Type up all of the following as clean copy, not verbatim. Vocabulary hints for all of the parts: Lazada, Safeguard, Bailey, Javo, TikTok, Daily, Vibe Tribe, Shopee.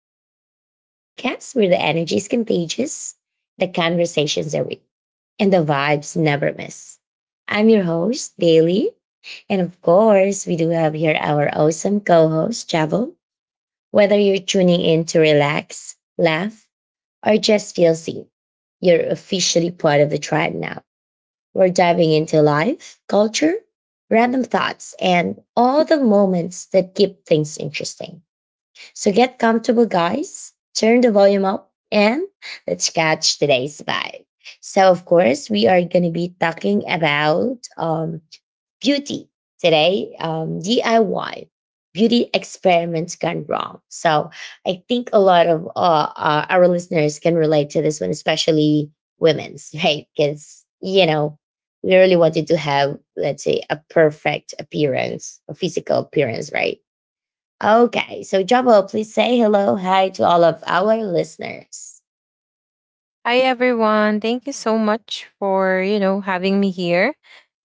Tribe, the podcast where the energy is contagious, the conversations are real, and the vibes never miss. I'm your host, Daily. And of course, we do have here our awesome co host, Javo. Whether you're tuning in to relax, laugh, or just feel seen, you're officially part of the tribe now. We're diving into life, culture, random thoughts, and all the moments that keep things interesting. So get comfortable, guys, turn the volume up, and let's catch today's vibe. So, of course, we are going to be talking about beauty today, DIY. Beauty experiments gone wrong. So I think a lot of our listeners can relate to this one, especially women's, right? Because, you know, we really wanted to have, let's say, a perfect appearance, a physical appearance, right? Okay, so Jabo, please say hello, hi to all of our listeners. Hi everyone. Thank you so much for, you know, having me here.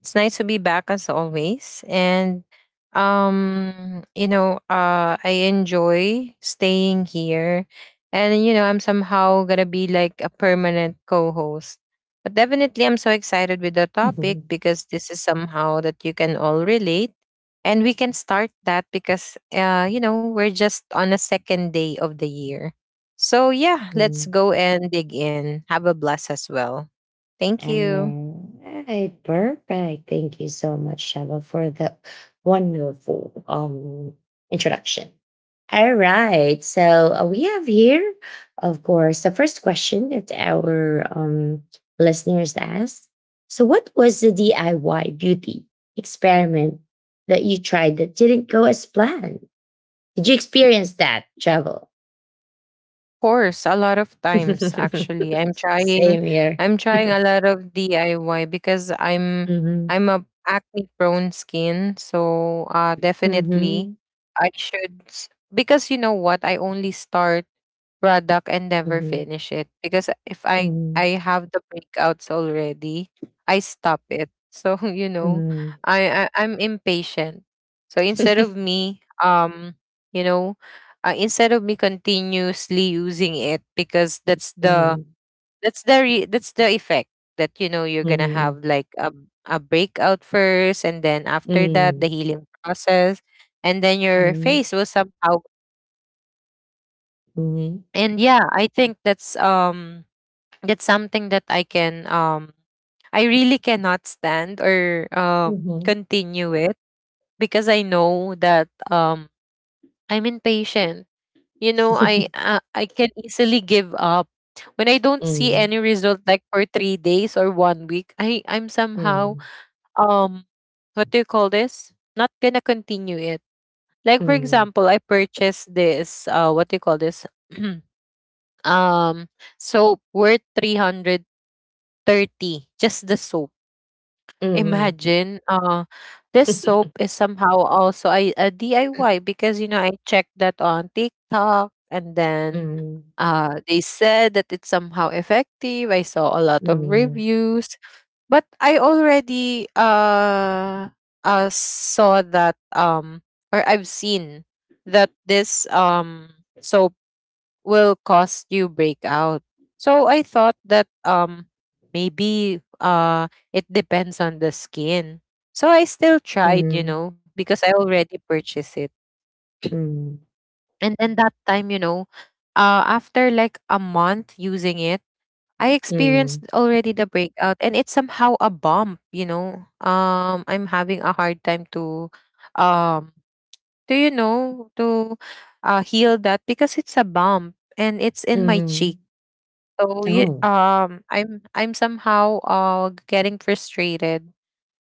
It's nice to be back as always. I enjoy staying here. And you know, I'm somehow going to be like a permanent co-host. But definitely I'm so excited with the topic Mhm. because this is somehow that you can all relate. And we can start that because you know, we're just on a second day of the year. So, yeah, let's Mm. go and dig in. Have a blast as well. Thank you. All right, perfect. Thank you so much, Jabo, for the wonderful introduction. All right, so we have here, of course, the first question that our listeners asked. So, what was the DIY beauty experiment that you tried that didn't go as planned? Did you experience that, Jabo? Of course, a lot of times actually. I'm trying Same here. I'm trying a lot of DIY because I'm Mhm. I'm a acne prone skin, so definitely Mhm. Because you know what, I only start product and never Mhm. finish it because if I Mhm. I have the breakouts already, I stop it. So you know, Mhm. I'm impatient. So you know, instead of me continuously using it because Mhm. That's the effect that you know you're gonna have like a breakout first, and then after that the Mhm. healing process, and then your Mhm. face will somehow. And yeah I think that's That's something that I really cannot stand or Mhm. Mhm. Mhm. continue it because I know that I'm impatient. You know, I can easily give up when I don't see any result like for 3 days or 1 week. I'm somehow, um what do you call this? Not gonna continue it. Like for Mhm. Mhm. example, I purchased this what do you call this? um Soap worth 330, just the soap. Mhm. Imagine, this soap is somehow also a DIY because you know I checked that on TikTok, and then Mhm. They said that it's somehow effective. I saw a lot of Mhm. reviews, but I already saw that or I've seen that this soap will cause you breakout. So I thought that maybe it depends on the skin. So I still Mhm. tried, you Mhm. know, because I already purchased it. Mhm. And then that time, you know, after like a month using it, I experienced already the breakout, and it's somehow a bump, you know. I'm having a hard time um to you know to heal that because it's a bump, and it's Mhm. in my cheek. Mhm. So you, Oh. I'm somehow getting frustrated,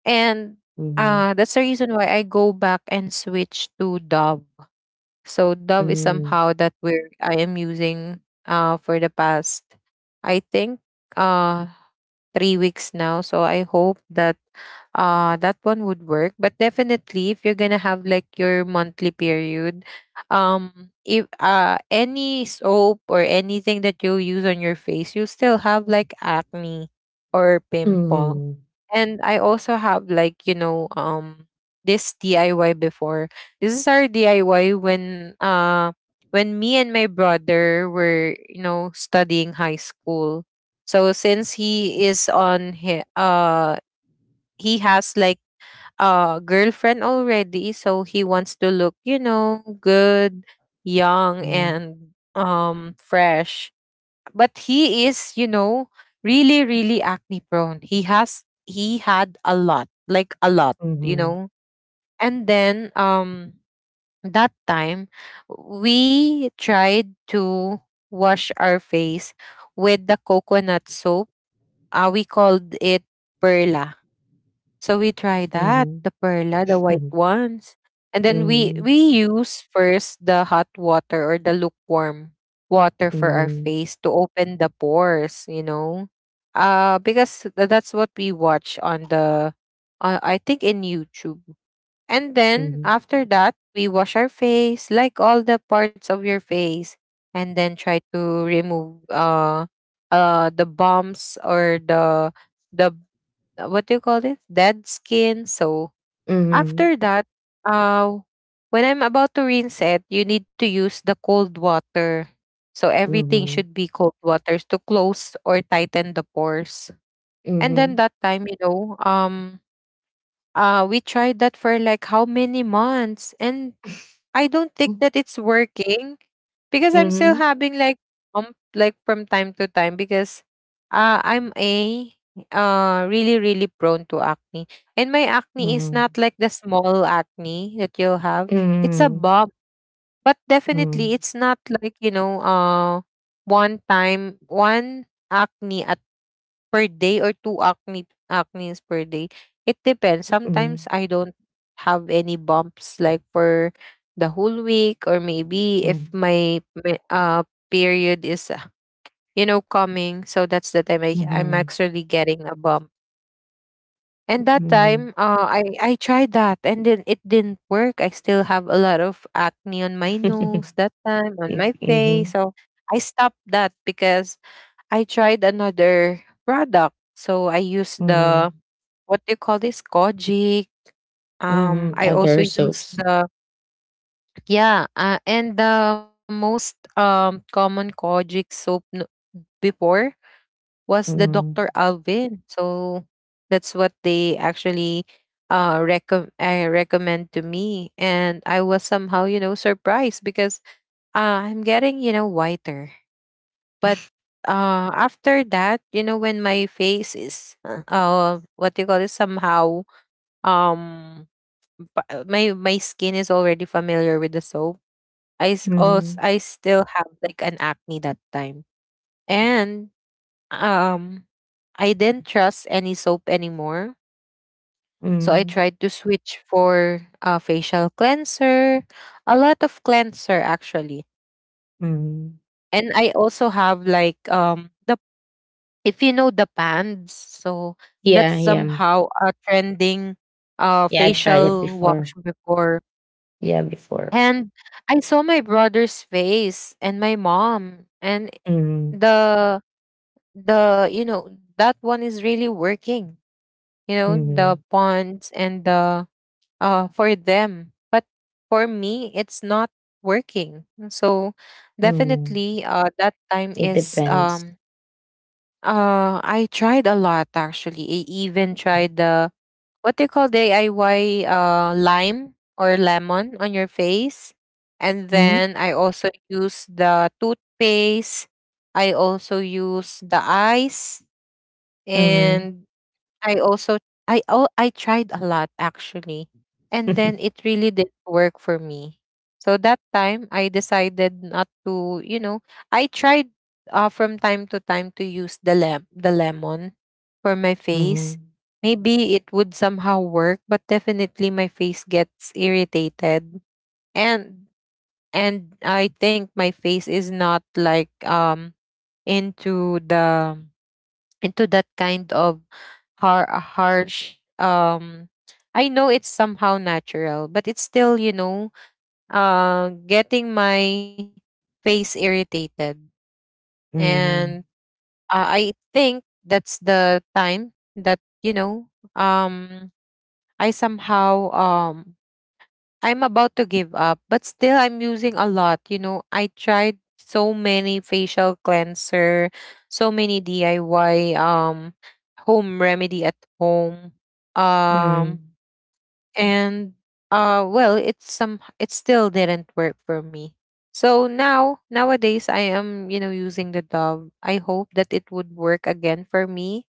and Mhm. that's the reason why I go back and switch to Dove. So Dove is Mhm. somehow that we're I am using for the past, I think, uh 3 weeks now. So I hope that that one would work. But definitely if you're gonna have like your monthly period, if any soap or anything that you use on your face, you still have like acne or pimple. And I also have like, you know, this DIY before. This is our DIY when me and my brother were, you know, studying high school. So since he is on he has like a girlfriend already, so he wants to look, you know, good, young, Mhm. and fresh. But he is, you know, really really acne prone. He had a lot, like a lot, Mhm. you Mhm. know. And then that time we tried to wash our face with the coconut soap. We called it perla. So we tried that, the perla, the white Mhm. ones. And then we Mhm. we use first the hot water or the lukewarm water for our face to open the pores, you know. That's what we watch on the, I think, in YouTube, and Mhm. then Mhm. after that, we wash our face, like all the parts of your face, and then try to remove the bumps or the what do you call this? Dead skin. So Mhm. after that, uh when I'm about to rinse it, you need to use the cold water. So everything Mhm. should be cold waters to close or tighten the pores. And then Mhm. that time, you know, we tried that for like how many months, and I don't think Mm. that it's working because I'm still Mhm. having like, like from time to time, because I'm a really really prone to acne. And my acne is not Mhm. like the small acne that you'll have. It's a Mm. bump, but definitely Mm. it's not like, you know, one time one acne at per day or 2 acne acnes per day. It depends. Sometimes Mhm. I don't have any bumps like for the whole week, or maybe Mm. if my period is you know, coming, so that's the time I'm Mhm. actually getting a bump. And that time Mhm. I tried that, and then it didn't work. I still have a lot of acne on my nose that time on M my face. mhm. So I stopped that because I tried another product. So I used the, Mhm. what do you call this? Kojic. Mhm. I also Other use soaps. the, yeah, and the most common Kojic before was the Dr. Mhm. Alvin. So that's what they actually recom I recommend to me, and I was somehow, you know, surprised because, uh, I'm getting, you know, whiter, but after that, you know, when my face is what do you call it, somehow um my skin is already familiar with the soap. Also Mhm. I still have like an acne that time, and um, I didn't trust any soap anymore. So I Mhm. tried to switch for a facial cleanser, a lot of cleanser actually, Mhm. and I also have like the, if you know, the pans, so that's Yeah, yeah. somehow a trending Yeah, I tried it facial before. wash before. Yeah, before. And I saw my brother's face and my mom, and Mhm. the the you know, that one is really working. You know, the Mhm. ponds and the for them, but for me it's not working. So Mhm. definitely that time It is depends. I tried a lot actually. I even tried the, what do you call, DIY lime or lemon on your face. And Mhm. then I also use the toothpaste. I also use the ice, Mhm. and I also, I tried a lot actually, and then it really didn't work for me. So that time I decided not to, you know, I tried, from time to time, to use the lemon for my face. Mhm. Maybe it would somehow work, but definitely my face gets irritated, and and I think my face is not like into the, into that kind of harsh, I know it's somehow natural, but it's still, you know, getting my face irritated. And Mhm. I think that's the time that you know, um i somehow um I'm about to give up, but still I'm using a lot. You know, I tried so many facial cleanser, so many DIY, home remedy at home. Um Mhm. and Well, it's some, it still didn't work for me. So now, nowadays, I am, you know, using the Dove. I hope that it would work again for me.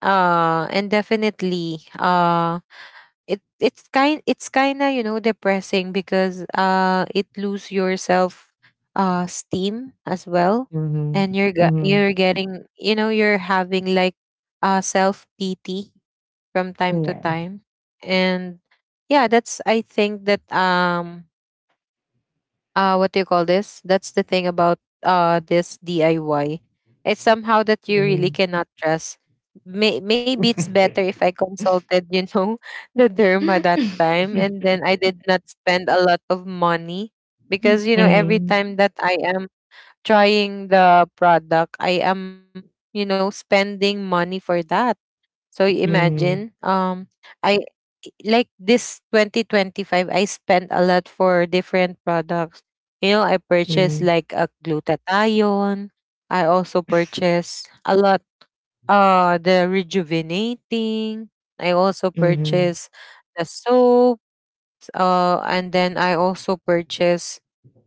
And definitely it's kind of, you know, depressing because it lose your self steam as well, Mhm. and Mhm. you're getting, you know, you're having like self pity from time to Yeah. time. And yeah, that's I think that what do you call this, that's the thing about this DIY. It's somehow that you really Mm. cannot trust. Maybe it's better if I consulted, you know, the derma that time, and then I did not spend a lot of money because you know, every Mm, time that I am trying the product, I am, you know, spending money for that. So mm, imagine, I, like this 2025, I spent a lot for different products. You know, I purchased mm, like a glutathione. I also purchased a lot, the rejuvenating. I also mhm, purchased the soaps. And then I also purchased,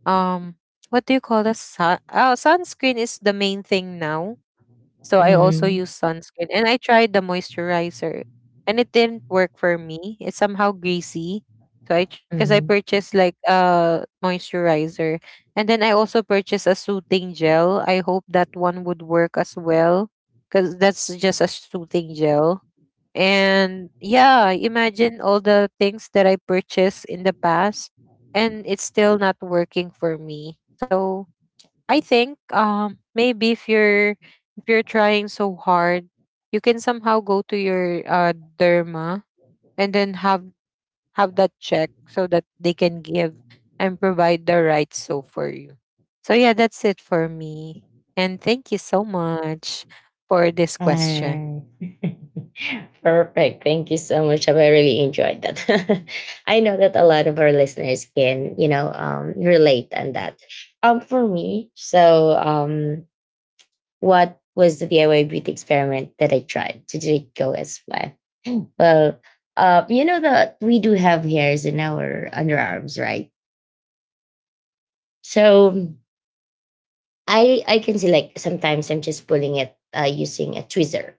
um, what do you call the sun? Oh, sunscreen is the main thing now, so I also use mhm, sunscreen, and I tried the moisturizer, and it didn't work for me. It's somehow greasy. So I, because I mhm. purchased like a moisturizer, and then I also purchased a soothing gel. I hope that one would work as well, cuz that's just a soothing gel. And yeah, imagine all the things that I purchased in the past, and it's still not working for me. So I think maybe if you're trying so hard, you can somehow go to your derma, and then have that check so that they can give and provide the right so for you. So yeah, that's it for me. And thank you so much for this question. Ah. Perfect. Thank you so much. I really enjoyed that. I know that a lot of our listeners can, you know, relate on that. For me, so what was the DIY beauty experiment that I tried? Did it go as well? Well, you know that we do have hairs in our underarms, right? So I can see like sometimes I'm just pulling it using a tweezer.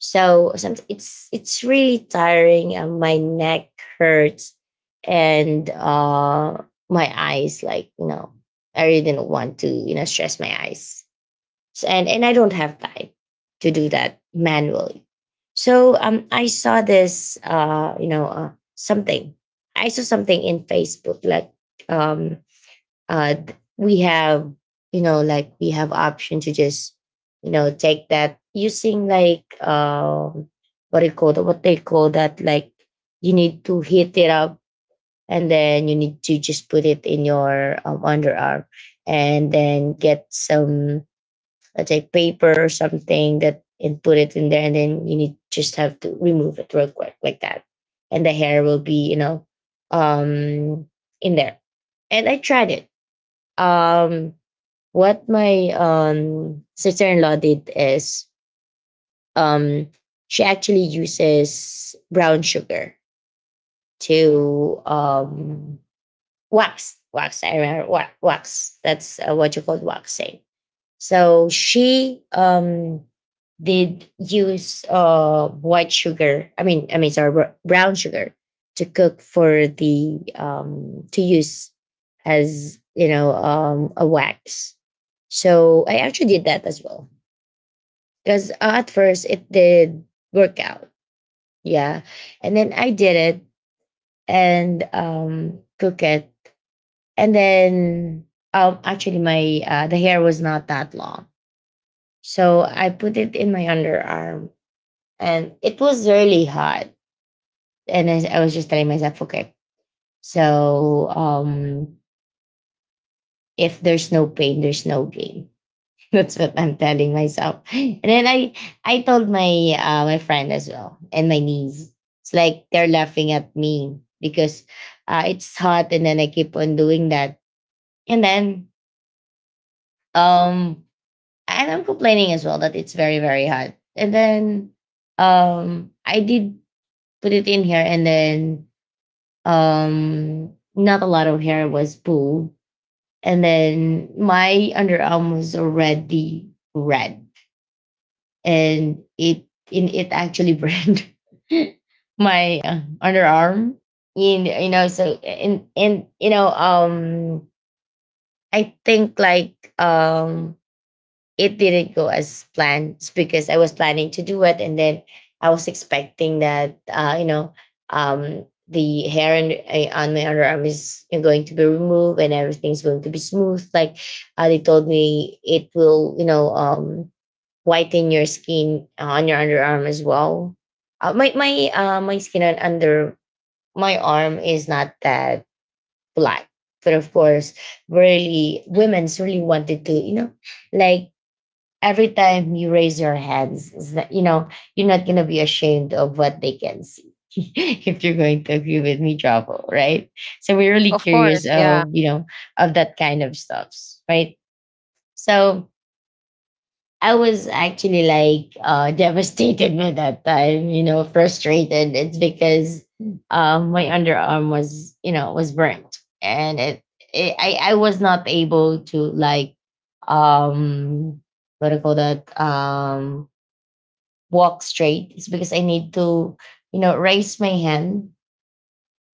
So some, it's really tiring. My neck hurts, and my eyes like you know I really don't want to you know stress my eyes. So, and I don't have time to do that manually. So I saw this, you know, something. I saw something in Facebook like um, we have, you know, like we have option to just, you know, take that using like what it called what they call that like you need to heat it up and then you need to just put it in your underarm and then get some let's say paper or something that and put it in there and then you need just have to remove it real quick like that and the hair will be you know um in there and I tried it. um what my sister-in-law did is um she actually uses brown sugar to wax wax, that's what you call waxing. So she did use white sugar. Sorry, brown sugar to cook for the to use as you know a wax. So I actually did that as well because at first it did work out, yeah, and then I did it and cook it, and then actually my the hair was not that long. So I put it in my underarm and it was really hot. And I was just telling myself, okay, so if there's no pain, there's no gain. That's what I'm telling myself. And then I told my friend as well and my niece. It's like they're laughing at me because it's hot, and then I keep on doing that. And then um, and I'm complaining as well that it's very very hot. And then I did put it in here and then not a lot of hair was pulled and then my underarm was already red and it actually burned my underarm in you know. So and you know I think like it didn't go as planned. It's because I was planning to do it, and then I was expecting that you know the hair and, on my underarm is going to be removed and everything's going to be smooth. Like they told me, it will you know whiten your skin on your underarm as well. My skin on under my arm is not that black, but of course, really Mhm. women's really wanted to you know like every time you raise your hands, is that you know you're not gonna be ashamed of what they can see. If you're going to agree with me, Trouble, right? So we're really Of curious course, of yeah. you know of that kind of stuffs, right? So I was actually like devastated by that time, you know, frustrated. It's because my underarm was you know was burnt, and it I was not able to like um what do you call that walk straight. It's because I need to, you know, raise my hand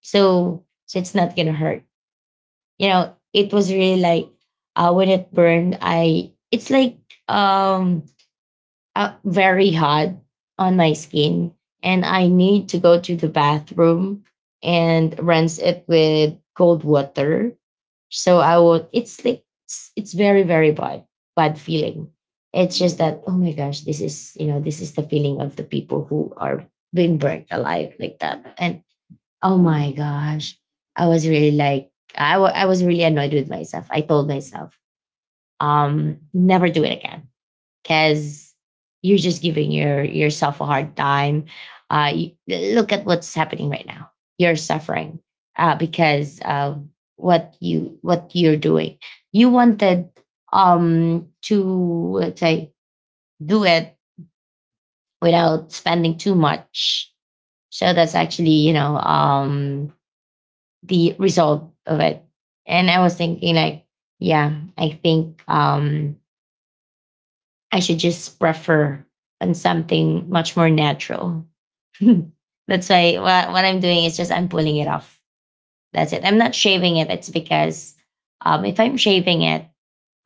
so so it's not gonna hurt. You know, it was really like when it burned, I it's like um very hot on my skin and I need to go to the bathroom and rinse it with cold water. So I would it's like it's very very bad bad feeling. It's just that oh my gosh this is you know this is the feeling of the people who are being burnt alive like that and oh my gosh I was really like I was really annoyed with myself. I told myself never do it again because you're just giving your yourself a hard time. Uh, you- look at what's happening right now. You're suffering because of what you're doing. You wanted to let's say do it without spending too much. So that's actually you know the result of it. And I was thinking like, yeah, I think I should just prefer on something much more natural. That's why what I'm doing is just I'm pulling it off. That's it. I'm not shaving it. It's because if I'm shaving it,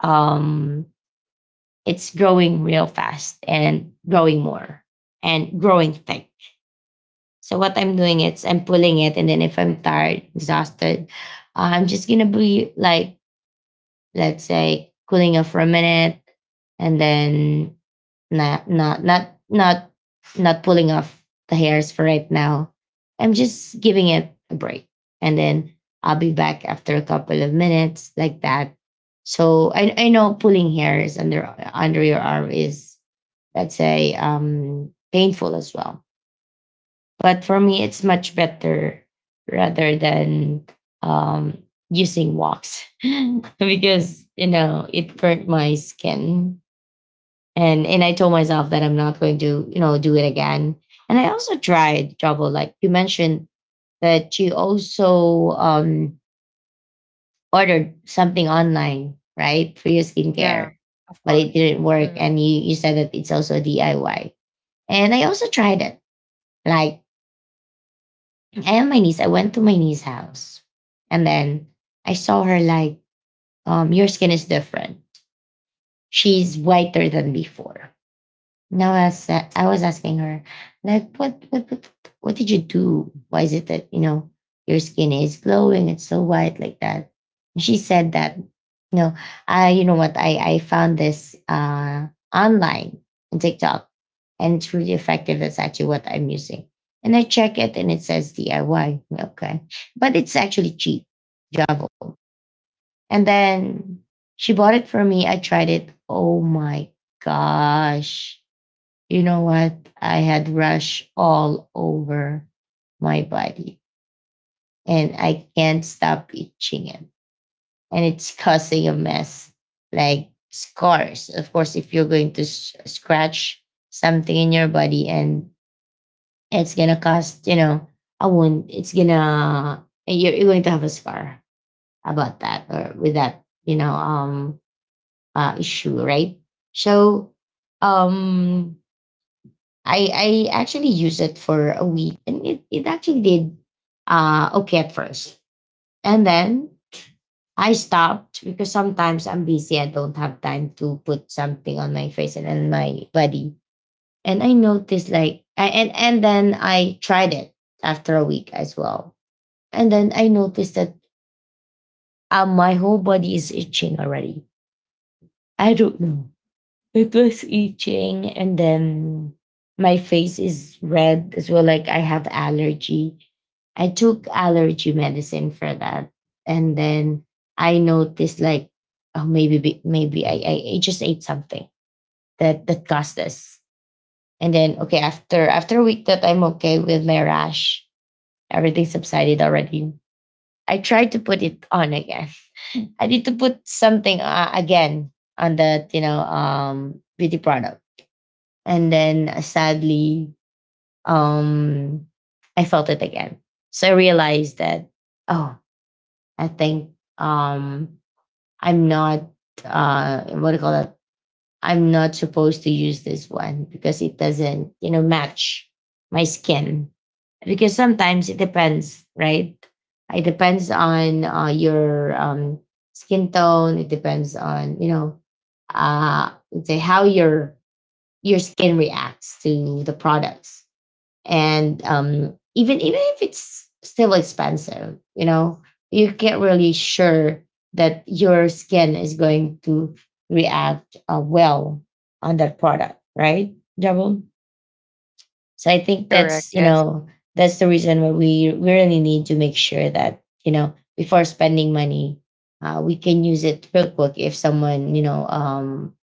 um, it's growing real fast and growing more and growing thick. So what I'm doing is I'm pulling it, and then if I'm tired, exhausted, I'm just gonna be like, let's say, cooling off for a minute, and then not not not not not pulling off the hairs for right now. I'm just giving it a break, and then I'll be back after a couple of minutes, like that. So I know pulling hairs under your arm is let's say painful as well, but for me it's much better rather than um using wax because you know it burnt my skin and I told myself that I'm not going to you know do it again. And I also tried Trouble like you mentioned that you also ordered something online, right, for your Yeah. skincare, Of but course. it didn't work Mhm. and you said that it's also DIY. And I also tried it like I went to my niece's house and then I saw her like your skin is different, she's whiter than before. No, I was asking her, like, what did you do? Why is it that, you know, your skin is glowing? It's so white like that. And she said that, no, I, you know what? I found this online on TikTok and it's really effective. That's actually what I'm using. And I check it and it says DIY. Okay. But it's actually cheap, Javo. And then she bought it for me. I tried it. Oh my gosh, you know what? I had rash all over my body and I can't stop itching it. And it's causing a mess, like scars. Of course, if you're going to scratch something in your body and it's going to cause, you know, a wound, it's going to, you're going to have a scar about that or with that, you know, issue, right? So, um, I actually used it for a week and it actually did okay at first. And then I stopped because sometimes I'm busy, I don't have time to put something on my face and on my body. And I noticed like I, and then I tried it after a week as well. And then I noticed that my whole body is itching already. I don't know. It was itching, and then my face is red as well. Like I have allergy. I took allergy medicine for that, and then I noticed like, oh, maybe I just ate something that caused this. And then okay, after a week that I'm okay with my rash, everything subsided already. I tried to put it on again. I need to put something again on that, you know, beauty product and then sadly, um, I felt it again. So I realized that, oh, I think um, I'm not, what do you call that? I'm not supposed to use this one because it doesn't, you know, match my skin. Because sometimes it depends, right? It depends on your skin tone. It depends on, you know, let's say how your skin reacts to the products and even if it's still expensive, you know, you can't really sure that your skin is going to react well on that product, right, Jabul? So I think that's, Correct, you yes. know, that's the reason why we really need to make sure that, you know, before spending money, we can use it real quick if someone, you know,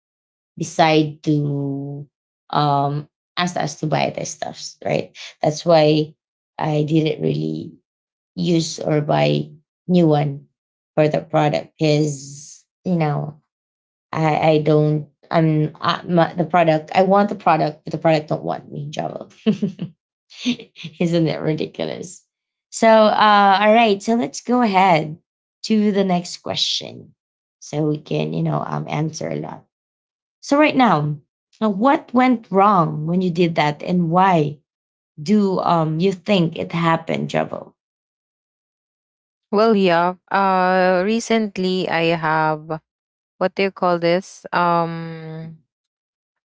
decide to um ask us to buy their stuffs, right? That's why I didn't really use or buy new one for the product because you know I don't I'm I, my, the product. I want the product but the product don't want me, Java. Isn't it ridiculous? So all right, so let's go ahead to the next question so we can, you know, answer a lot. So right now, what went wrong when you did that, and why do you think it happened, Javo? Well, yeah. Recently I have, what do you call this?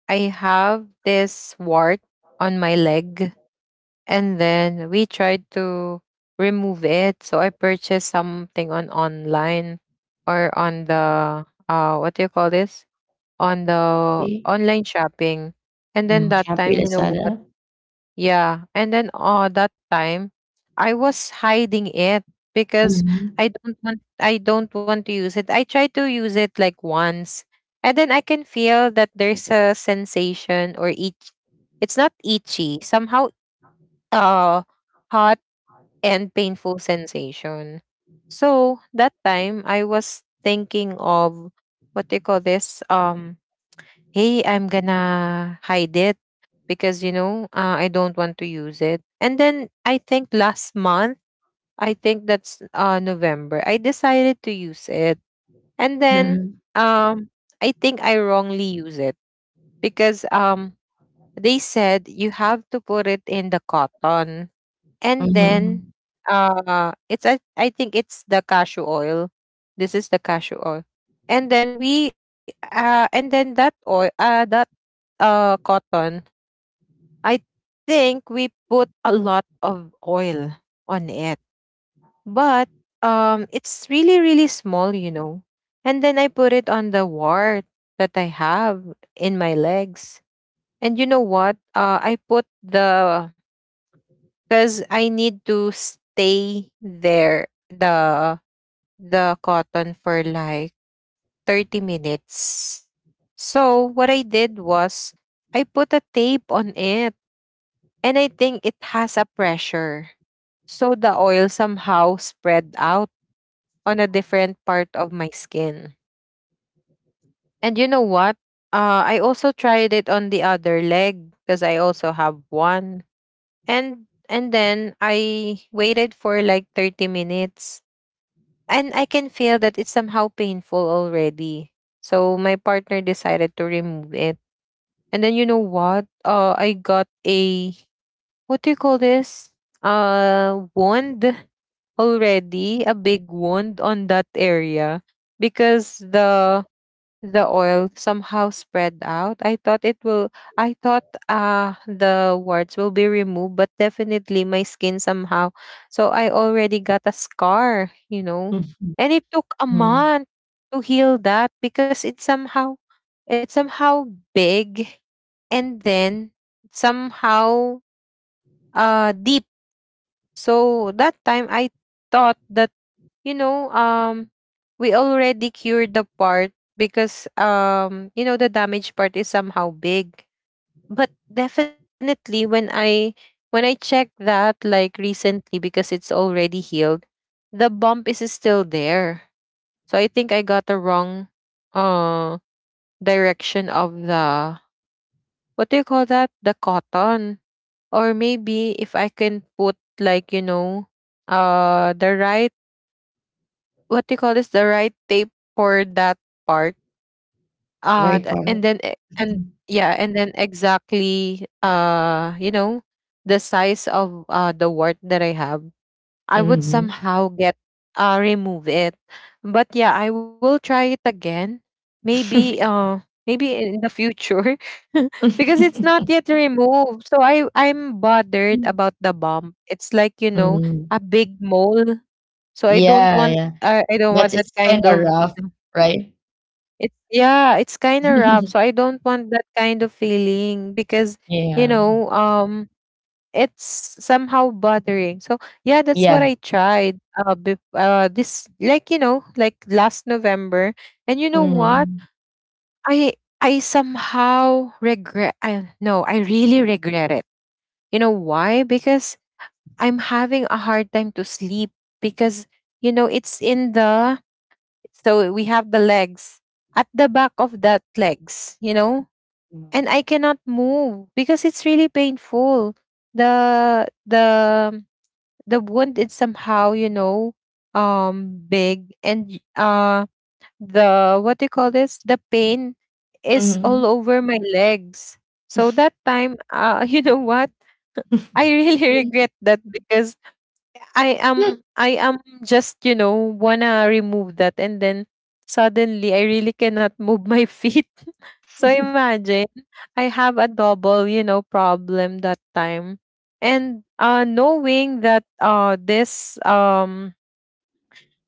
I have this wart on my leg, and then we tried to remove it. So I purchased something on online, or on the what do you call this? On the Okay. online shopping. And then Mm, that Shopee, time, you know Lazada. what? Yeah. And then that time I was hiding it because Mm-hmm. I don't want to use it. I tried to use it like once, and then I can feel that there's a sensation or itch. It's not itchy, somehow uh hot and painful sensation. So that time I was thinking of, what do you call this? Hey, I'm gonna hide it because I don't want to use it. And then I think last month, I think that's November, I decided to use it. And then Mm-hmm. um, I think I wrongly use it, because they said you have to put it in the cotton, and then Mm-hmm. I think it's the cashew oil. This is the cashew oil, and then we and then that oil that cotton, I think we put a lot of oil on it, but it's really, really small, you know. And then I put it on the wart that I have in my legs. And you know what? I put the, because I need to stay there the cotton for like 30 minutes. So what I did was, I put a tape on it, and I think it has a pressure. So the oil somehow spread out on a different part of my skin. And you know what? I also tried it on the other leg because I also have one. And then I waited for like 30 minutes, and I can feel that it's somehow painful already. So my partner decided to remove it. And then you know what? I got a, what do you call this? Wound, already a big wound on that area, because the oil somehow spread out. I thought it will. I thought the warts will be removed, but definitely my skin somehow. So I already got a scar, you know, and it took a Mm-hmm. month to heal that, because it somehow, it's somehow big, and then somehow deep. So that time I thought that, you know, we already cured the part, because you know the damaged part is somehow big. But definitely when I checked that like recently, because it's already healed, the bump is still there. So I think I got the wrong uh direction of the, what do you call that? The cotton. Or maybe if I can put, like, you know, the right, what do you call this, the right tape for that part Very proud. And yeah, and then exactly, you know, the size of the wart that I have, I would Mm-hmm. somehow get remove it. But yeah, I will try it again. Maybe maybe in the future, because it's not yet removed. So I'm bothered about the bump. It's like, you know, Mm. a big mole. So Yeah, yeah. I don't But want that it's kind kind of of, you rough, know, right? it's, yeah, it's kind of rough. So I don't want that kind of feeling, because you Yeah. know, it's somehow bothering. So yeah, that's what Yeah. I tried. This, like you know, like last November. And you know what? Mm. I I somehow regret. I no, I really regret it. You know why? Because I'm having a hard time to sleep, because you know it's in the, so we have the legs, at the back of that legs, you know, and I cannot move because it's really painful. The the the wound is somehow, you know, big, and the, what do you call this, the pain is all Mm. over my legs. So that time, you know what, I really regret that, because I am just, you know, wanna remove that, and then suddenly I really cannot move my feet. So imagine, I have a double, you know, problem that time. And knowing that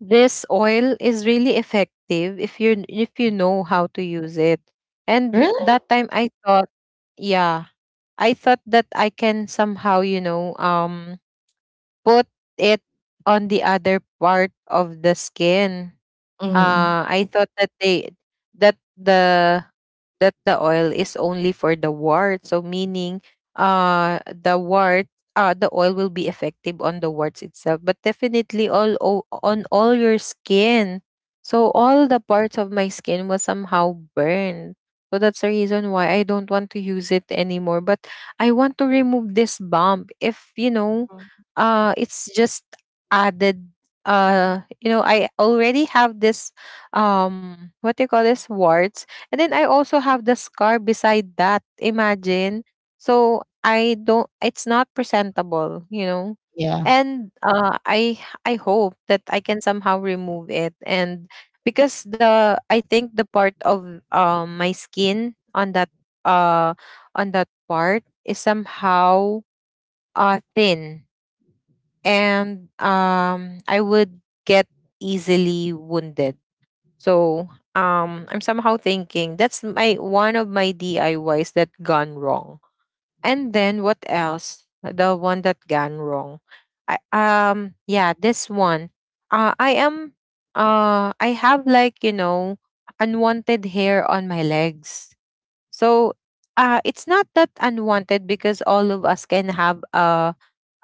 this oil is really effective, if you know how to use it. And Really? that time I thought, yeah, I thought that I can somehow, you know, put it on the other part of the skin. Mm. I thought that that the the oil is only for the wart. So meaning uh the wart the oil will be effective on the warts itself, but definitely all on all your skin. So all the parts of my skin was somehow burned. So that's the reason why I don't want to use it anymore. But I want to remove this bump. If you know, it's just added. You know, I already have this, what do you call this, warts, and then I also have the scar beside that, imagine. So I don't, it's not presentable, you know. Yeah. And I hope that I can somehow remove it, and because the, I think the part of my skin uh on that part is somehow thin, and I would get easily wounded. So I'm somehow thinking that's my one of my DIYs that gone wrong. And then what else? The one that gone wrong. Yeah, this one. Uh I am I have, like, you know, unwanted hair on my legs. So it's not that unwanted because all of us can have a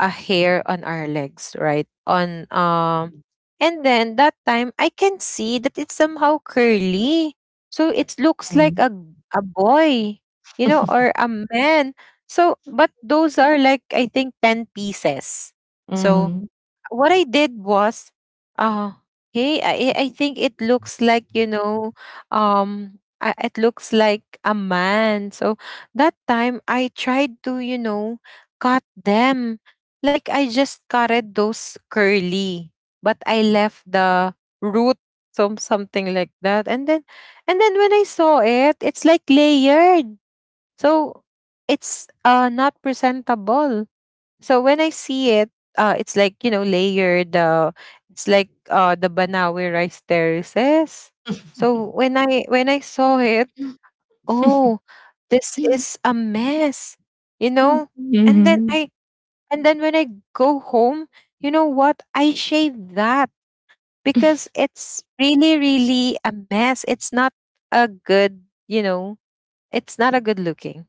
hair on our legs, right? On And then that time I can see that it's somehow curly. So it looks like Mm-hmm. a boy, you know, or a man. So, but those are like I think 10 pieces. So Mhm. what I did was, uh, hey, I think it looks like, you know, it looks like a man. So that time I tried to, you know, cut them. Like I just cutted those curly, but I left the root, some something like that. And then when I saw it, it's like layered. So it's not presentable. So when I see it, it's like you know layered. It's like the Banawi rice terraces. Mhm. So when I saw it, oh, this is a mess, you know. And then I and then when I go home, you know what? I shave that Mm. because it's really really a mess. It's not a good, you know. It's not a good looking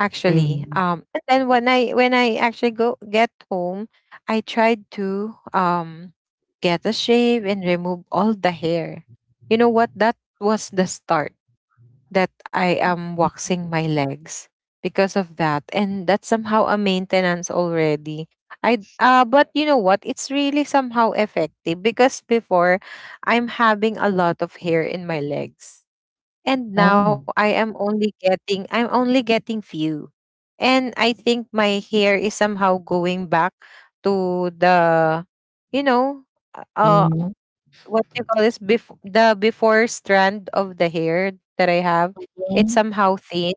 actually. And then when I actually go get home, I tried to get a shave and remove all the hair. You know what? That was the start that I am waxing my legs, because of that, and that's somehow a maintenance already. I But you know what? It's really somehow effective, because before I'm having a lot of hair in my legs, and now Oh. I'm only getting few. And I think my hair is somehow going back to the, you know, uh uh, Mhm. what do you call this, before the, before strand of the hair that I have. It's Mhm. somehow thin,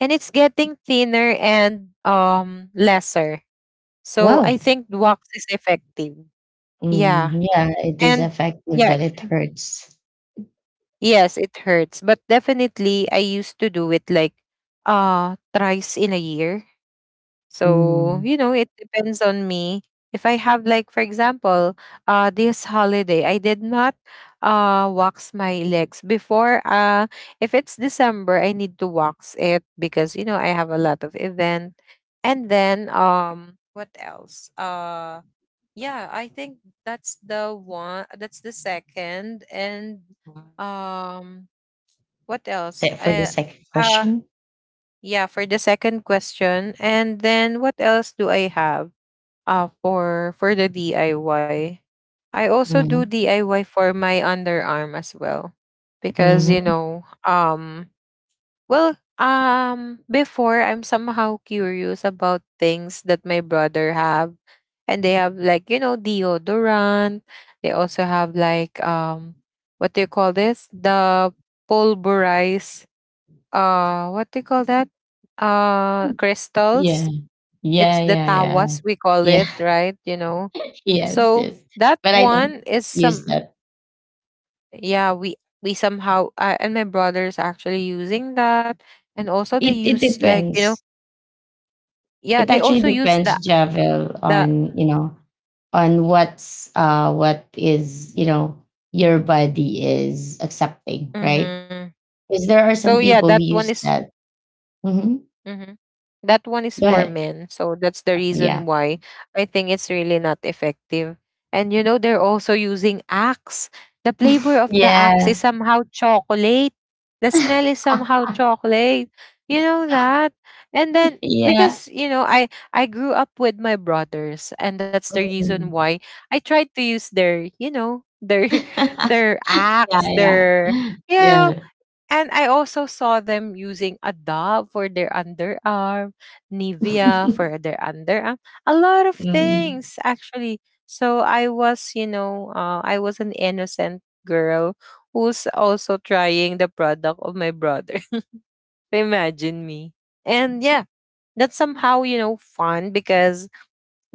and it's getting thinner and lesser. So I Wow. think wax is effective. Yeah. Mm, yeah, it is And effective, yeah, but it hurts. yes, it hurts. But definitely, I used to do it like thrice in a year. So, Mhm. you know, it depends on me. If I have, like for example, this holiday, I did not wax my legs before. If it's December, I need to wax it, because you know, I have a lot of event. And then what else? Yeah, I think that's the one, that's the second, and um what else? That for the second uh question. yeah, for the second question. And then what else do I have? For the DIY. I Y. I also do Mhm. DIY for my underarm as well. Because, you Mhm. know, well, before, I'm somehow curious about things that my brother have. And they have, like, you know, deodorant. They also have like what do you call this? The pulverized, what do you call that, Yeah. crystals, Yeah. it's the Yeah. Yeah. tawas we call Yeah. it, right, you know? Yes. So Yes. that But I don't one is use some, that. yeah we somehow, I, and my brothers actually using that, and also they It use like you know, depends. yeah It they actually also use depends, the Javel, the on, you know, on what's what is, you know, your body is accepting, right? hmm, Because there are some so yeah people who that one use is, that. Hmm. mhm. That one is Go for ahead. men, so that's the reason Yeah. why I think it's really not effective. And you know, they're also using Axe. The flavor of the Axe Yeah. is somehow chocolate. The smell is somehow chocolate, you know that. And then Yeah. because you know I grew up with my brothers, and that's the reason Mm. why I tried to use their you know their their Axe, Yeah. their Yeah. yeah. Yeah. And I also saw them using a Dove for their underarm, Nivea for their underarm, a lot of Mm. things actually. So I was, you know, I was an innocent girl who's also trying the product of my brother. Imagine me. And yeah, that's somehow, you know, fun because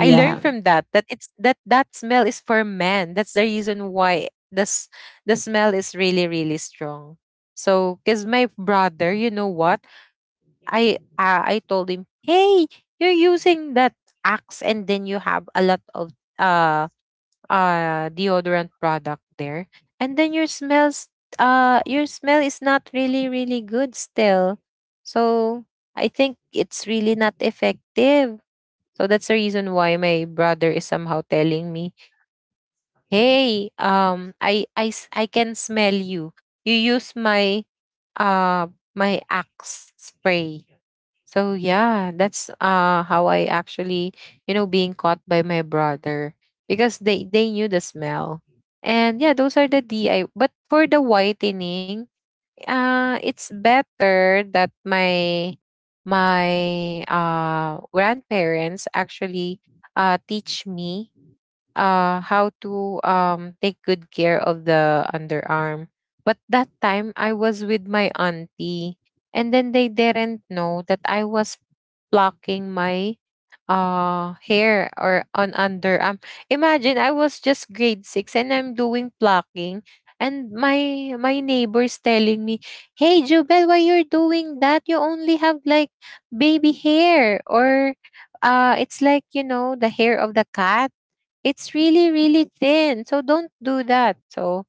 I learned from that that it's that that smell is for men. That's the reason why this the smell is really really strong. So, cause my brother, you know what? I told him, "Hey, you're using that Axe, and then you have a lot of uh deodorant product there, and then your smells your smell is not really really good still." So I think it's really not effective. So that's the reason why my brother is somehow telling me, "Hey, I can smell you. You use my uh my Axe spray." So yeah, that's how I actually you know being caught by my brother, because they knew the smell. And yeah, those are the DI. But for the whitening, it's better that my my grandparents actually teach me how to take good care of the underarm. But that time I was with my auntie, and then they didn't know that I was plucking my hair or on underarm. Imagine I was just grade six and I'm doing plucking, and my neighbors telling me, "Hey Jubel, why you're doing that? You only have like baby hair, or it's like, you know, the hair of the cat. It's really really thin. So don't do that." So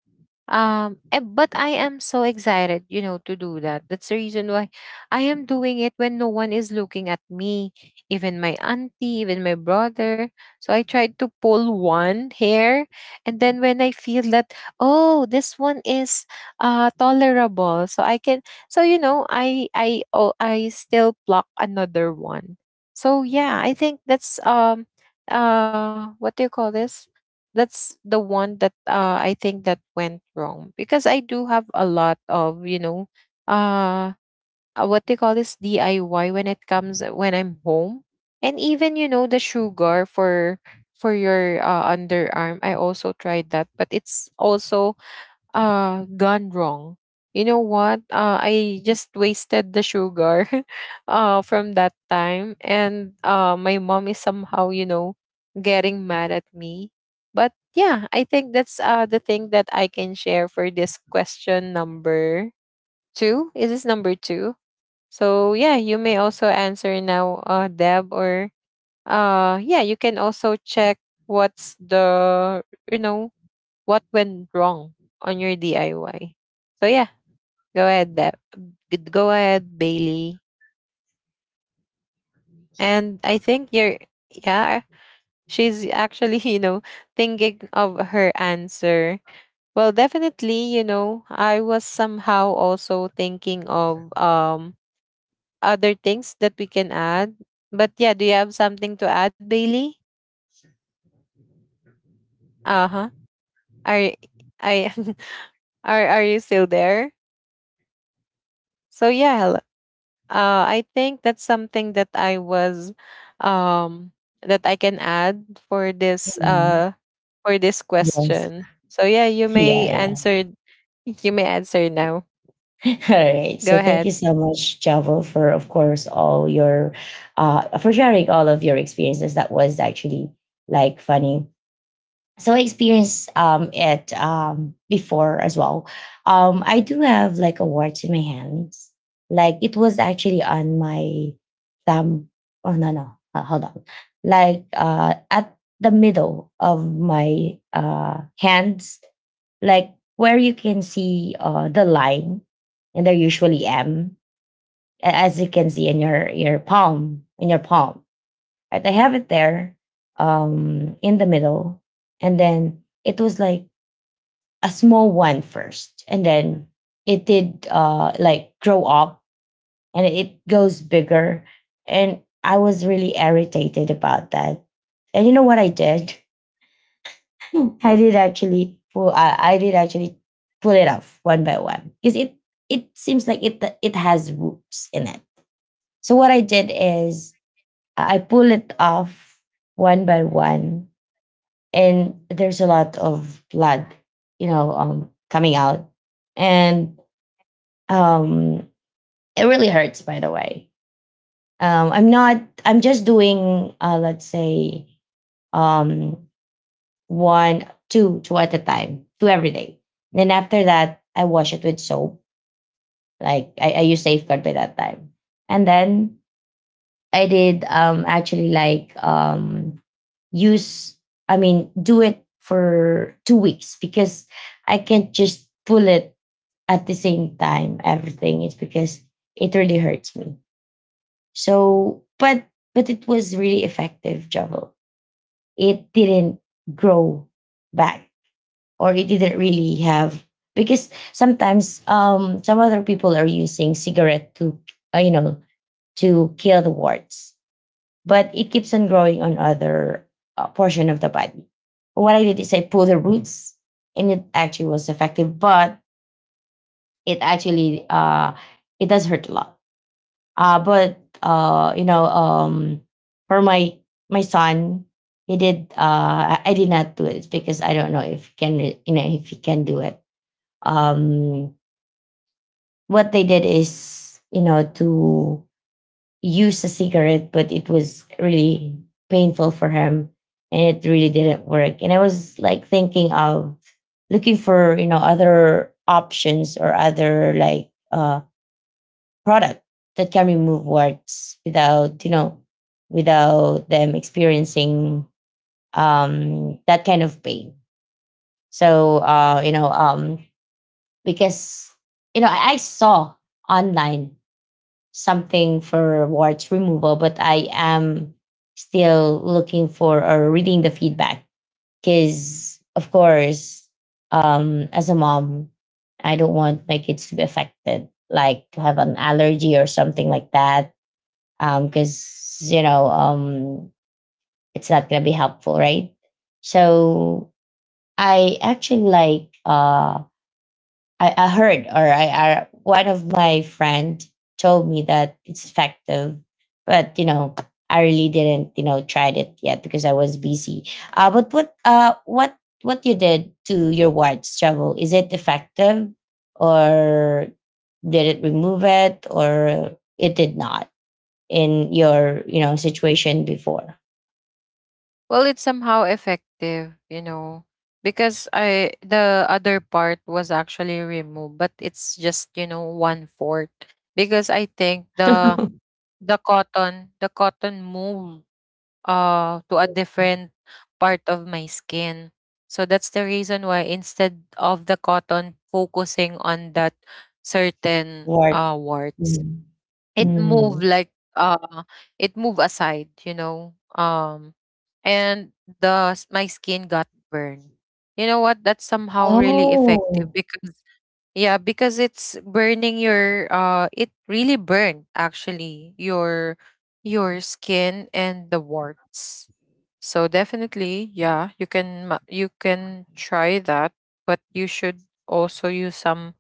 But I am so excited, you know, to do that. That's the reason why I am doing it when no one is looking at me, even my auntie, even my brother. So I tried to pull one hair, and then when I feel that, oh, this one is tolerable, so I can, so you know, I still pluck another one. So yeah, I think that's what do you call this? That's the one that I think that went wrong, because I do have a lot of you know uh what they call this DIY when it comes when I'm home. And even you know the sugar for your underarm I also tried that, but it's also gone wrong. You know what? I just wasted the sugar from that time. And my mom is somehow you know getting mad at me. But yeah, I think that's the thing that I can share for this question number two. Is this number two? So yeah, you may also answer now, Deb. Or yeah, you can also check what's the you know what went wrong on your DIY. So yeah, go ahead, Deb. Go ahead, Bailey. And I think you're, yeah, she's actually, you know, thinking of her answer. Well, definitely, you know, I was somehow also thinking of other things that we can add. But yeah, do you have something to add, Bailey? Uh huh. Are I are you still there? So yeah, I think that's something that I was um that I can add Mm. For this Yes. question. So yeah, Yeah. Yeah. You may answer now. All right. Go So thank you ahead. so much, Javo, for of course all your for sharing all of your experiences. That was actually like funny, so I experienced it before as well. I do have like a watch in my hands. Like it was actually on my thumb. Oh no no, hold on. Like at the middle of my hands, like where you can see the line, and there usually M, as you can see in your palm, in your palm. And I have it there in the middle. And then it was like a small one first. And then it did like grow up and it goes bigger. And I was really irritated about that. And you know what I did? I did actually pull it off one by one because it seems like it has roots in it. So what I did is I pull it off one by one, and there's a lot of blood, you know, coming out and um it really hurts, by the way. I'm not I'm just doing let's say um one two two at a time, two every day. Then after that I wash it with soap. Like I use Safeguard by that time, and then I did actually like use I mean do it for 2 weeks because I can't just pull it at the same time, everything, it's because it really hurts me. So but it was really effective, Javel. It didn't grow back, or it didn't really have, because sometimes some other people are using cigarette to you know, to kill the warts, but it keeps on growing on other portion of the body. What I did is I pulled the roots, and it actually was effective, but it actually it does hurt a lot. But you know, for my son, he did. I did not do it because I don't know if he can you know if he can do it. Um, what they did is, you know, to use a cigarette, but it was really painful for him and it really didn't work. And I was like thinking of looking for, you know, other options or other like product that can remove warts without, you know, without them experiencing that kind of pain. So you know, because you know, I saw online something for warts removal, but I am still looking for or reading the feedback because, of course, as a mom, I don't want my kids to be affected, like to have an allergy or something like that, because you know it's not gonna be helpful, right? So I actually like I heard or I, one of my friend told me that it's effective, but you know I really didn't you know tried it yet because I was busy. But what you did to your white's travel, is it effective or did it remove it or it did not in your, you know, situation before? Well, it's somehow effective, you know, because I the other part was actually removed, but it's just you know one fourth because I think the cotton, the cotton moved to a different part of my skin. So that's the reason why instead of the cotton focusing on that certain What? Warts, Mm. it moved Mm. like it moved aside, you know. And my skin got burned. You know what? That's somehow really effective Oh because yeah, because it's burning your it really burned actually your skin and the warts. So definitely, yeah, you can try that, but you should also use some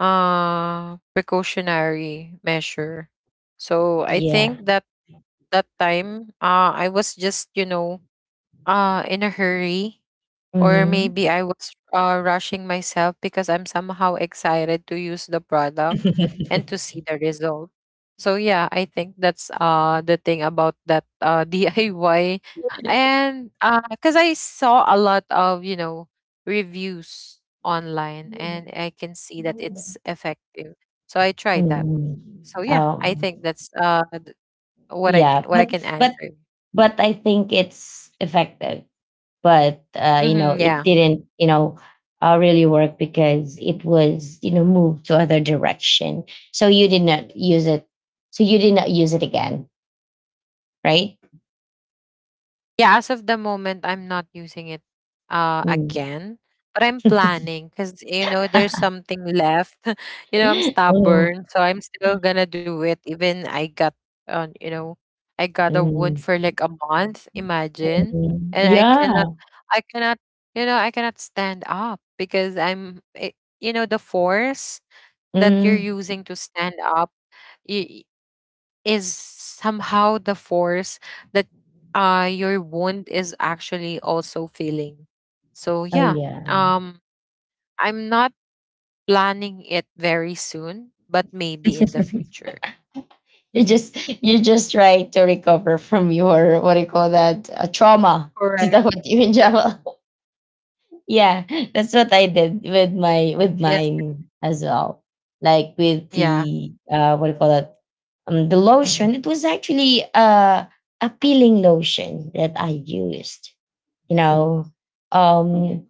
precautionary measure. So I yeah. think that that time I was just, you know, in a hurry, or Hmm. maybe I was rushing myself because I'm somehow excited to use the product and to see the result. So yeah, I think that's the thing about that DIY. And cuz I saw a lot of, you know, reviews online and I can see that it's effective. So I tried that. Mm. So yeah, I Um, think that's yeah, what I can but answer. but I think it's effective. But you know, Mhm, it yeah. didn't, you know, really work because it was, you know, moved to other direction. So you did not use it. So you did not use it again, right? Yeah, as of the moment, I'm not using it Mm. again, but I'm planning because, you know, there's something left. You know, I'm stubborn, so I'm still gonna do it. Even I got, you know, I got a wound Mm, for like a month. mm, Imagine, mm. and Yeah. I cannot, you know, I cannot stand up because I'm, it, you know, the force that you're Mm. using to stand up is somehow the force that your wound is actually also feeling. So Oh yeah, yeah. um I'm not planning it very soon, but maybe in the future. You Mhm. just try to recover from your what do you call that? A trauma. Is Correct. that what you mean, Java? Yeah, that's what I did with my with Yes. mine as well. Like with Yeah. the what do you call that? Um, the lotion. It was actually a peeling lotion that I used. You know. Um,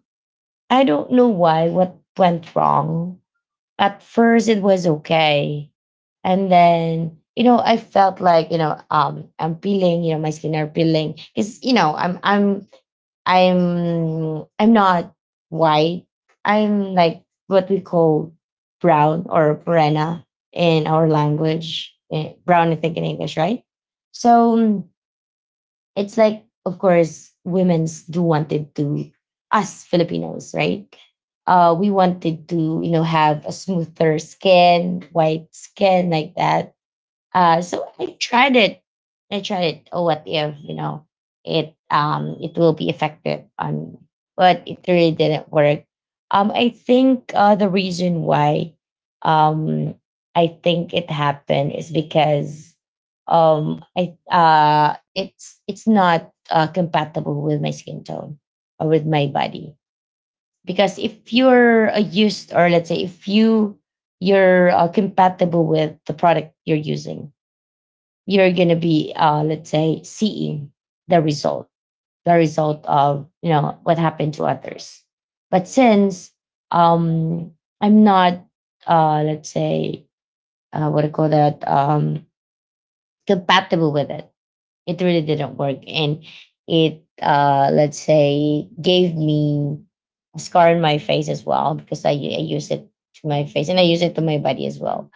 I don't know why what went wrong. At first it was okay. And then you know, I felt like you know, I'm peeling, you know, my skin are peeling because you know, I'm not white. I'm like what we call brown or morena in our language. Eh, brown, I think in English, right? So mm, it's like, of course, women's do wanted to us Filipinos, right? We wanted to, you know, have a smoother skin, white skin like that, so I tried it. I tried it. Oh, what if you know it? It will be effective on, but it really didn't work. I think the reason why, um, I think it happened is because, I it's not compatible with my skin tone or with my body, because if you're a used or let's say if you you're compatible with the product you're using, you're going to be let's say seeing the result, the result of you know what happened to others. But since um I'm not let's say what do you call that, compatible with it, it really didn't work, and it let's say gave me a scar in my face as well because I use it to my face and I use it to my body as well,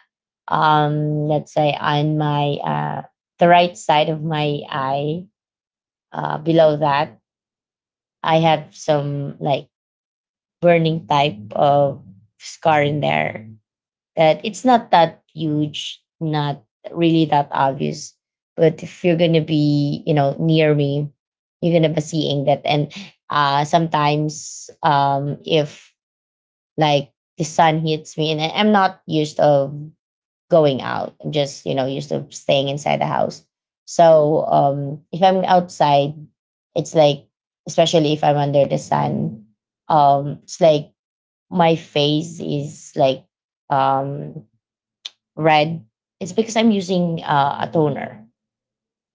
let's say on my the right side of my eye. Below that, I have some like burning type of scar in there. That it's not that huge, not really that obvious. But if you're gonna be, you know, near me, you're gonna be seeing that. And sometimes, if like the sun hits me, and I'm not used of going out. I'm just, you know, used to staying inside the house. So if I'm outside, it's like, especially if I'm under the sun, it's like my face is like um, red. It's because I'm using a toner.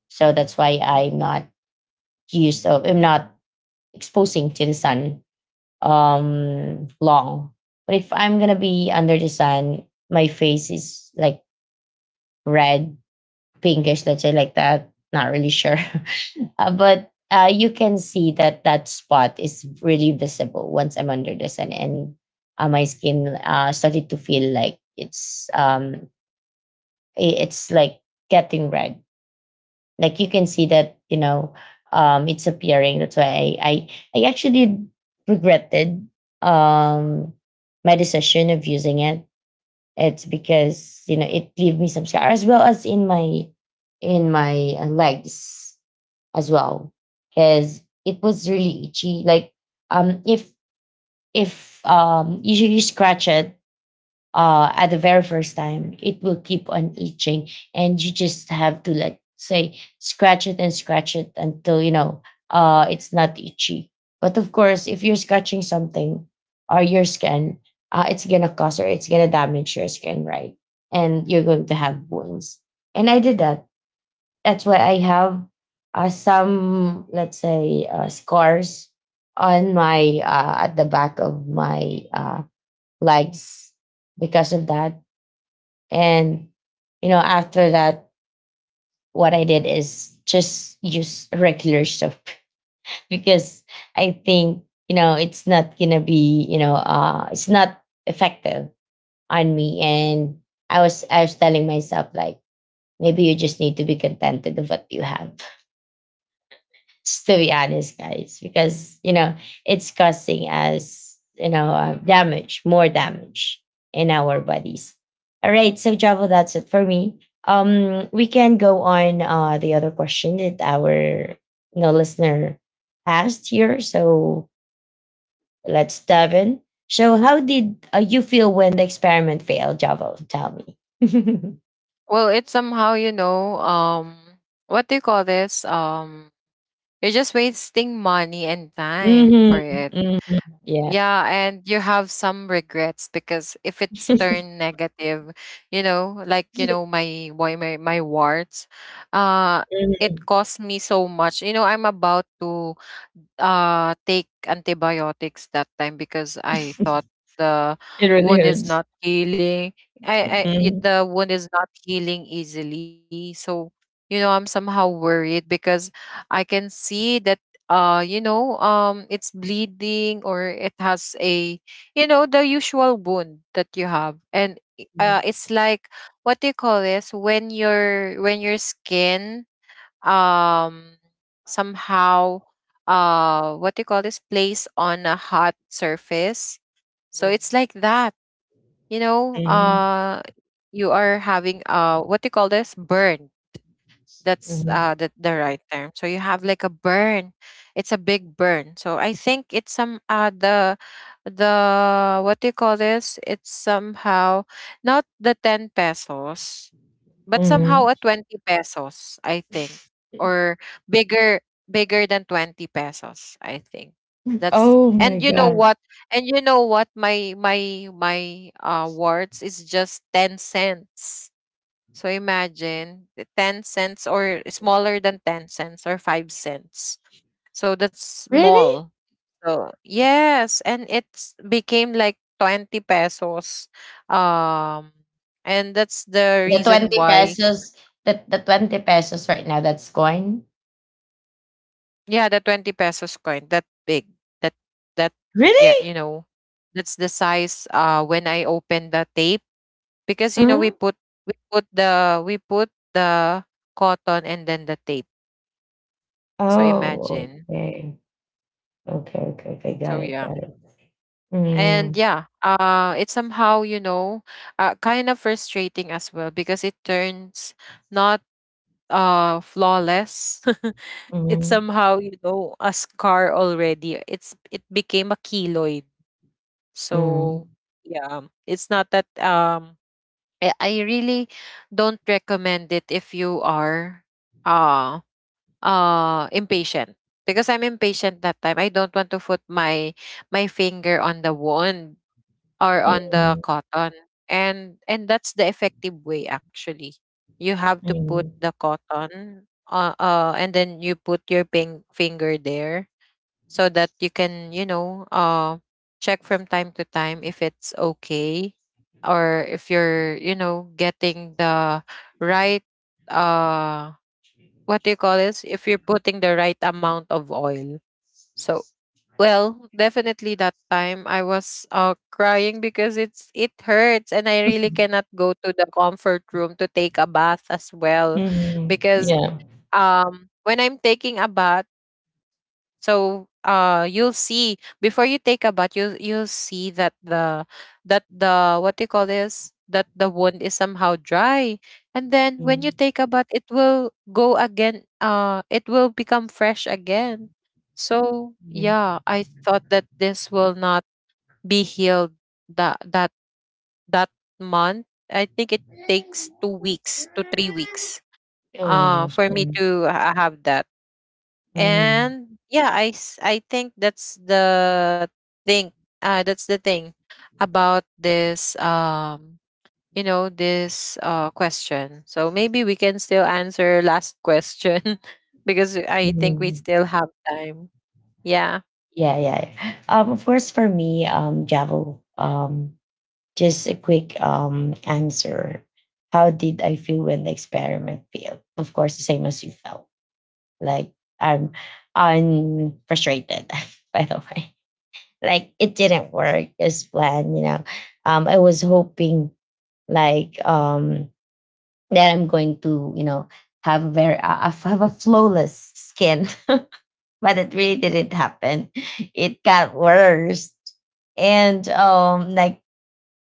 So that's why I'm not used of, I'm not exposing to the sun long. But if I'm going to be under the sun, my face is like red, pinkish, let's say like that. Not really sure. But you can see that that spot is really visible once I'm under the sun, and my skin started to feel like it's it's like getting red. Like you can see that it's appearing. That's why I actually regretted um my decision of using it it's Because it gave me some scar as well as in my legs as well because it was really itchy. Like um if if you scratch it at the very first time, it will keep on itching, and you just have to like say scratch it and scratch it until it's not itchy. But of course, if you're scratching something or your skin, it's gonna cause or it's gonna damage your skin, right? And you're going to have wounds. And I did that. That's why I have some, let's say, scars on my at the back of my legs because of that. And you know, after that, what I did is just use regular soap because I think it's not gonna be it's not effective on me. And I was telling myself like maybe you just need to be contented of what you have, just to be honest, guys, because it's causing us damage, more damage in our bodies. All right, so Javo, that's it for me. We can go on the other question that our listener asked here. So let's dive in. So, how did you feel when the experiment failed, Javo? Tell me. Well, it's somehow, you know, what do you call this? You're just wasting money and time hmm for it. hmm Yeah. Yeah, and you have some regrets because if it's turned negative, you know, like you know, my my warts, uh, it Mhm. cost me so much. You know, I'm about to take antibiotics that time because I thought the It wound really is not healing. Hurts. The wound is not healing easily, so you know I'm somehow worried because I can see that you know it's bleeding or it has a you know the usual wound that you have. And Mhm. it's like what do you call this when your skin um somehow what do you call this place on a hot surface? So it's like that. You know Mhm. You are having what do you call this, burn? That's Mhm. The right term. So you have like a burn. It's a big burn. So I think it's some the what do you call this? It's somehow not the 10 pesos, but somehow Mhm. a 20 pesos, I think. Or bigger bigger than 20 pesos, I think. That's Oh my and you know gosh. what? And you know what? My words is just 10 cents. So imagine the 10 cents or smaller than 10 cents or 5 cents. So that's Really? small. So yes, and it's became like 20 pesos. Um and that's the The reason 20 why pesos, the 20 pesos right now, that's coin. yeah, the 20 pesos coin that big. That that Yeah, Really? you know, that's the size when I open the tape because you know Uh-huh. We put the cotton and then the tape. So Oh, imagine. okay. Okay, okay, okay. Got So it, yeah. got it. And Mm-hmm. yeah, it's somehow, you know, kind of frustrating as well because it turns not flawless. It's Mm-hmm. somehow, you know, a scar already. It's it became a keloid. Mm-hmm. So yeah, it's not that I really don't recommend it if you are uh impatient, because I'm impatient that time. I don't want to put my my finger on the wound or on the cotton. And that's the effective way actually. You have to put Mm-hmm. the cotton and then you put your finger there so that you can, you know, check from time to time if it's okay, or if you're, you know, getting the right uh what do you call this? If you're putting the right amount of oil. So, well, definitely that time I was crying because it's it hurts and I really cannot go to the comfort room to take a bath as well. Mhm. Because Yeah. When I'm taking a bath, so you'll see before you take a bath you'll see that the what do you call this, that the wound is somehow dry. And then when you Mm, take a bath it will go again, it will become fresh again. So mhm. yeah, I thought that this will not be healed that that that month. I think it takes 2 weeks to 3 weeks Oh, gosh, for me yeah. to have that. Mhm, And yeah I think thing that's the thing about this you know this question. So maybe we can still answer last question because I think we mhm. still have time. Yeah. Yeah, yeah, yeah. Of course, for me, Javo, just a quick answer. How did I feel when the experiment failed? Of course, the same as you felt. Like I'm, I'm frustrated. By the way, like it didn't work as planned. You know, I was hoping like that I'm going to have very have a flawless skin, but it really didn't happen. It got worse. And like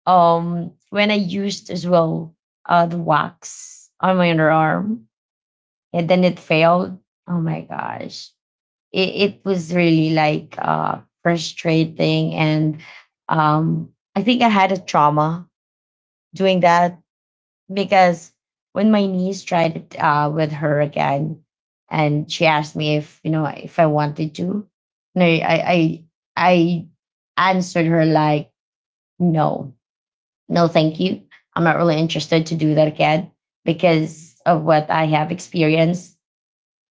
when I used as well the wax on my underarm and then it failed. Oh my gosh, it was really like frustrating. And um I think I had a trauma doing that because when my niece tried it with her again, and she asked me if if I wanted to, and I answered her like no, no, thank you. I'm not really interested to do that again because of what I have experienced.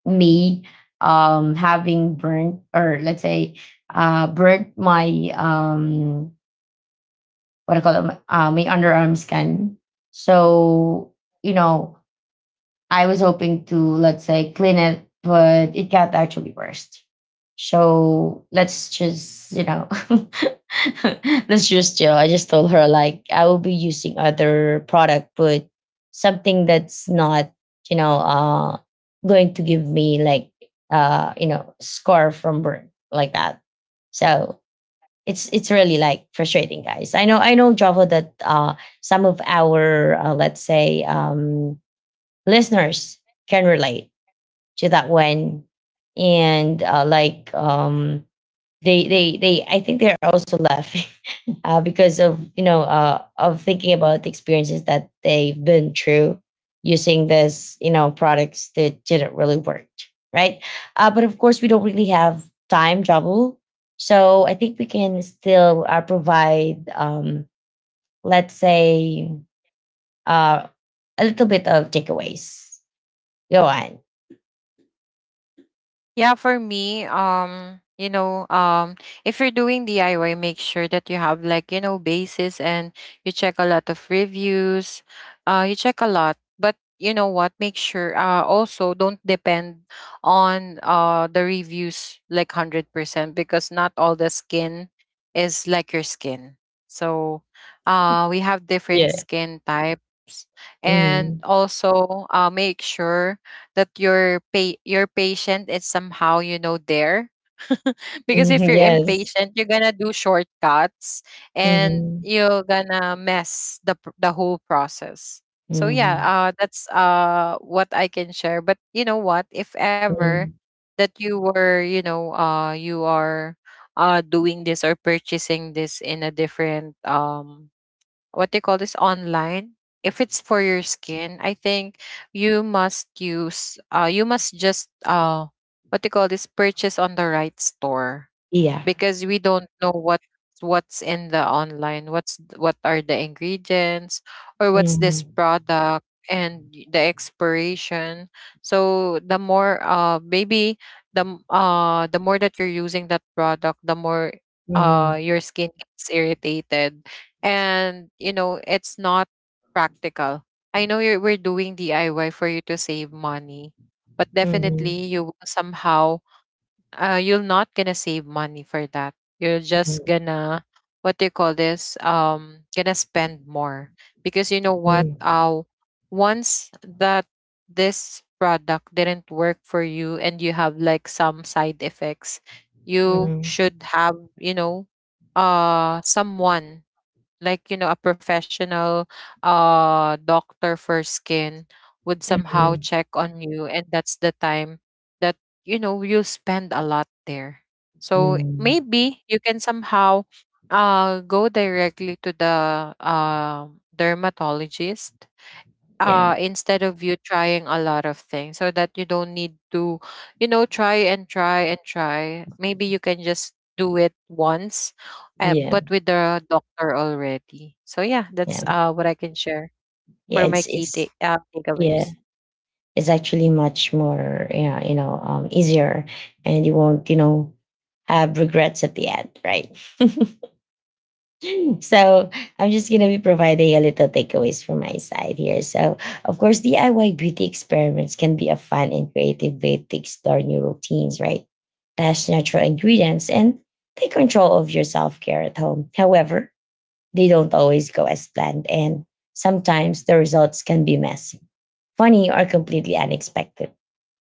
Me having burnt, or let's say burnt my what I call it, my underarm skin. So you know I was hoping to, let's say, clean it, but it got actually worse. So let's just, you know, let's just chill. I just told her, like, I will be using other product, but something that's not, you know, going to give me like, you know, scar from burn like that. So it's really like frustrating, guys. I know, I know Java, that some of our let's say listeners can relate to that one. And like they I think they're also laughing because of of thinking about the experiences that they've been through using this products that didn't really work, right? But of course, we don't really have time travel. So I think we can still provide let's say uh a little bit of takeaways. Go on. Yeah, for me, you know, if you're doing DIY, make sure that you have like, you know, basis, and you check a lot of reviews. You check a lot. But you know what? Make sure also don't depend on the reviews like 100%, because not all the skin is like your skin. So, we have different Yeah. skin types, and Mhm. also make sure that your patient is somehow you know there. Because if Mhm. you're Yes. impatient you're gonna do shortcuts, and Mhm. you're gonna mess the whole process. So yeah Mhm. That's what I can share. But you know what, if ever Mhm. that you were you know you are doing this or purchasing this in a different what they call this online, if it's for your skin, I think you must use you must just what they call this, purchase on the right store. Yeah. Because we don't know what what's in the online, what's what are the ingredients, or what's Mhm. this product, and the expiration. So the more maybe the more that you're using that product, the more Mhm. your skin gets irritated. And you know, it's not practical. I know you're we're doing DIY for you to save money, but Mhm. definitely you will somehow you're not gonna save money for that. You're just Mhm. gonna what do you call this? Gonna spend more. Because you know what? Mhm. Once that this product didn't work for you and you have like some side effects, you Mhm. should have you know, someone like you know a professional doctor for skin would somehow Mhm. check on you. And that's the time that you know you'll spend a lot there. So Mhm. maybe you can somehow go directly to the dermatologist, Yeah. Instead of you trying a lot of things, so that you don't need to you know try and try and try. Maybe you can just do it once, but Yeah. with the doctor already. So yeah that's Yeah. What I can share Yeah. for my key It's Yeah. takeaways. Is actually much more, yeah, you know, easier, and you won't you know have regrets at the end, right? So I'm just going to be providing a little takeaways from my side here. So of course, DIY beauty experiments can be a fun and creative way to explore new routines, right? Test natural ingredients and take control of your self-care at home. However, they don't always go as planned, and sometimes the results can be messy, funny, or completely unexpected.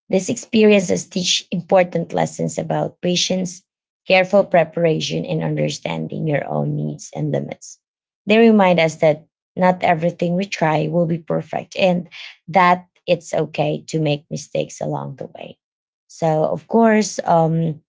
These experiences teach important lessons about patience, careful preparation, and understanding your own needs and limits. They remind us that not everything we try will be perfect, and that it's okay to make mistakes along the way. So, of course,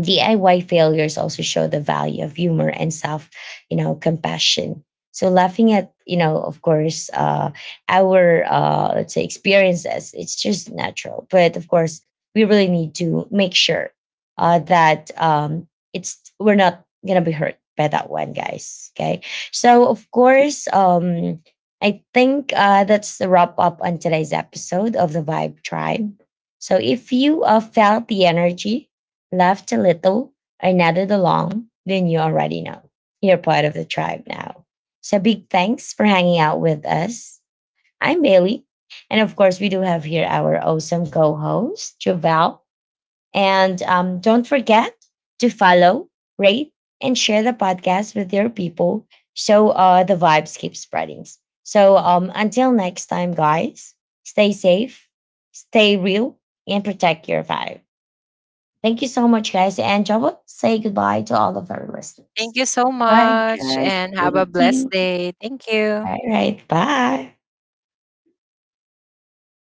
DIY failures also show the value of humor and self, you know, compassion. So laughing at, you know, of course, our let's say experiences, it's just natural. But of course, we really need to make sure that it's we're not gonna be hurt by that one, guys. Okay. So of course, I think that's the wrap up on today's episode of the Vibe Tribe. So if you felt the energy, laughed a little, I nodded along, then you already know. You're part of the tribe now. So big thanks for hanging out with us. I'm Bailey. And of course, we do have here our awesome co host, Joval. And don't forget to follow, rate, and share the podcast with your people so the vibes keep spreading. So until next time, guys, stay safe, stay real, and protect your vibe. Thank you so much, guys. And Java, say goodbye to all of our listeners. Thank you so Bye, much guys. and have a Thank blessed you. day. Thank you. All right. Bye.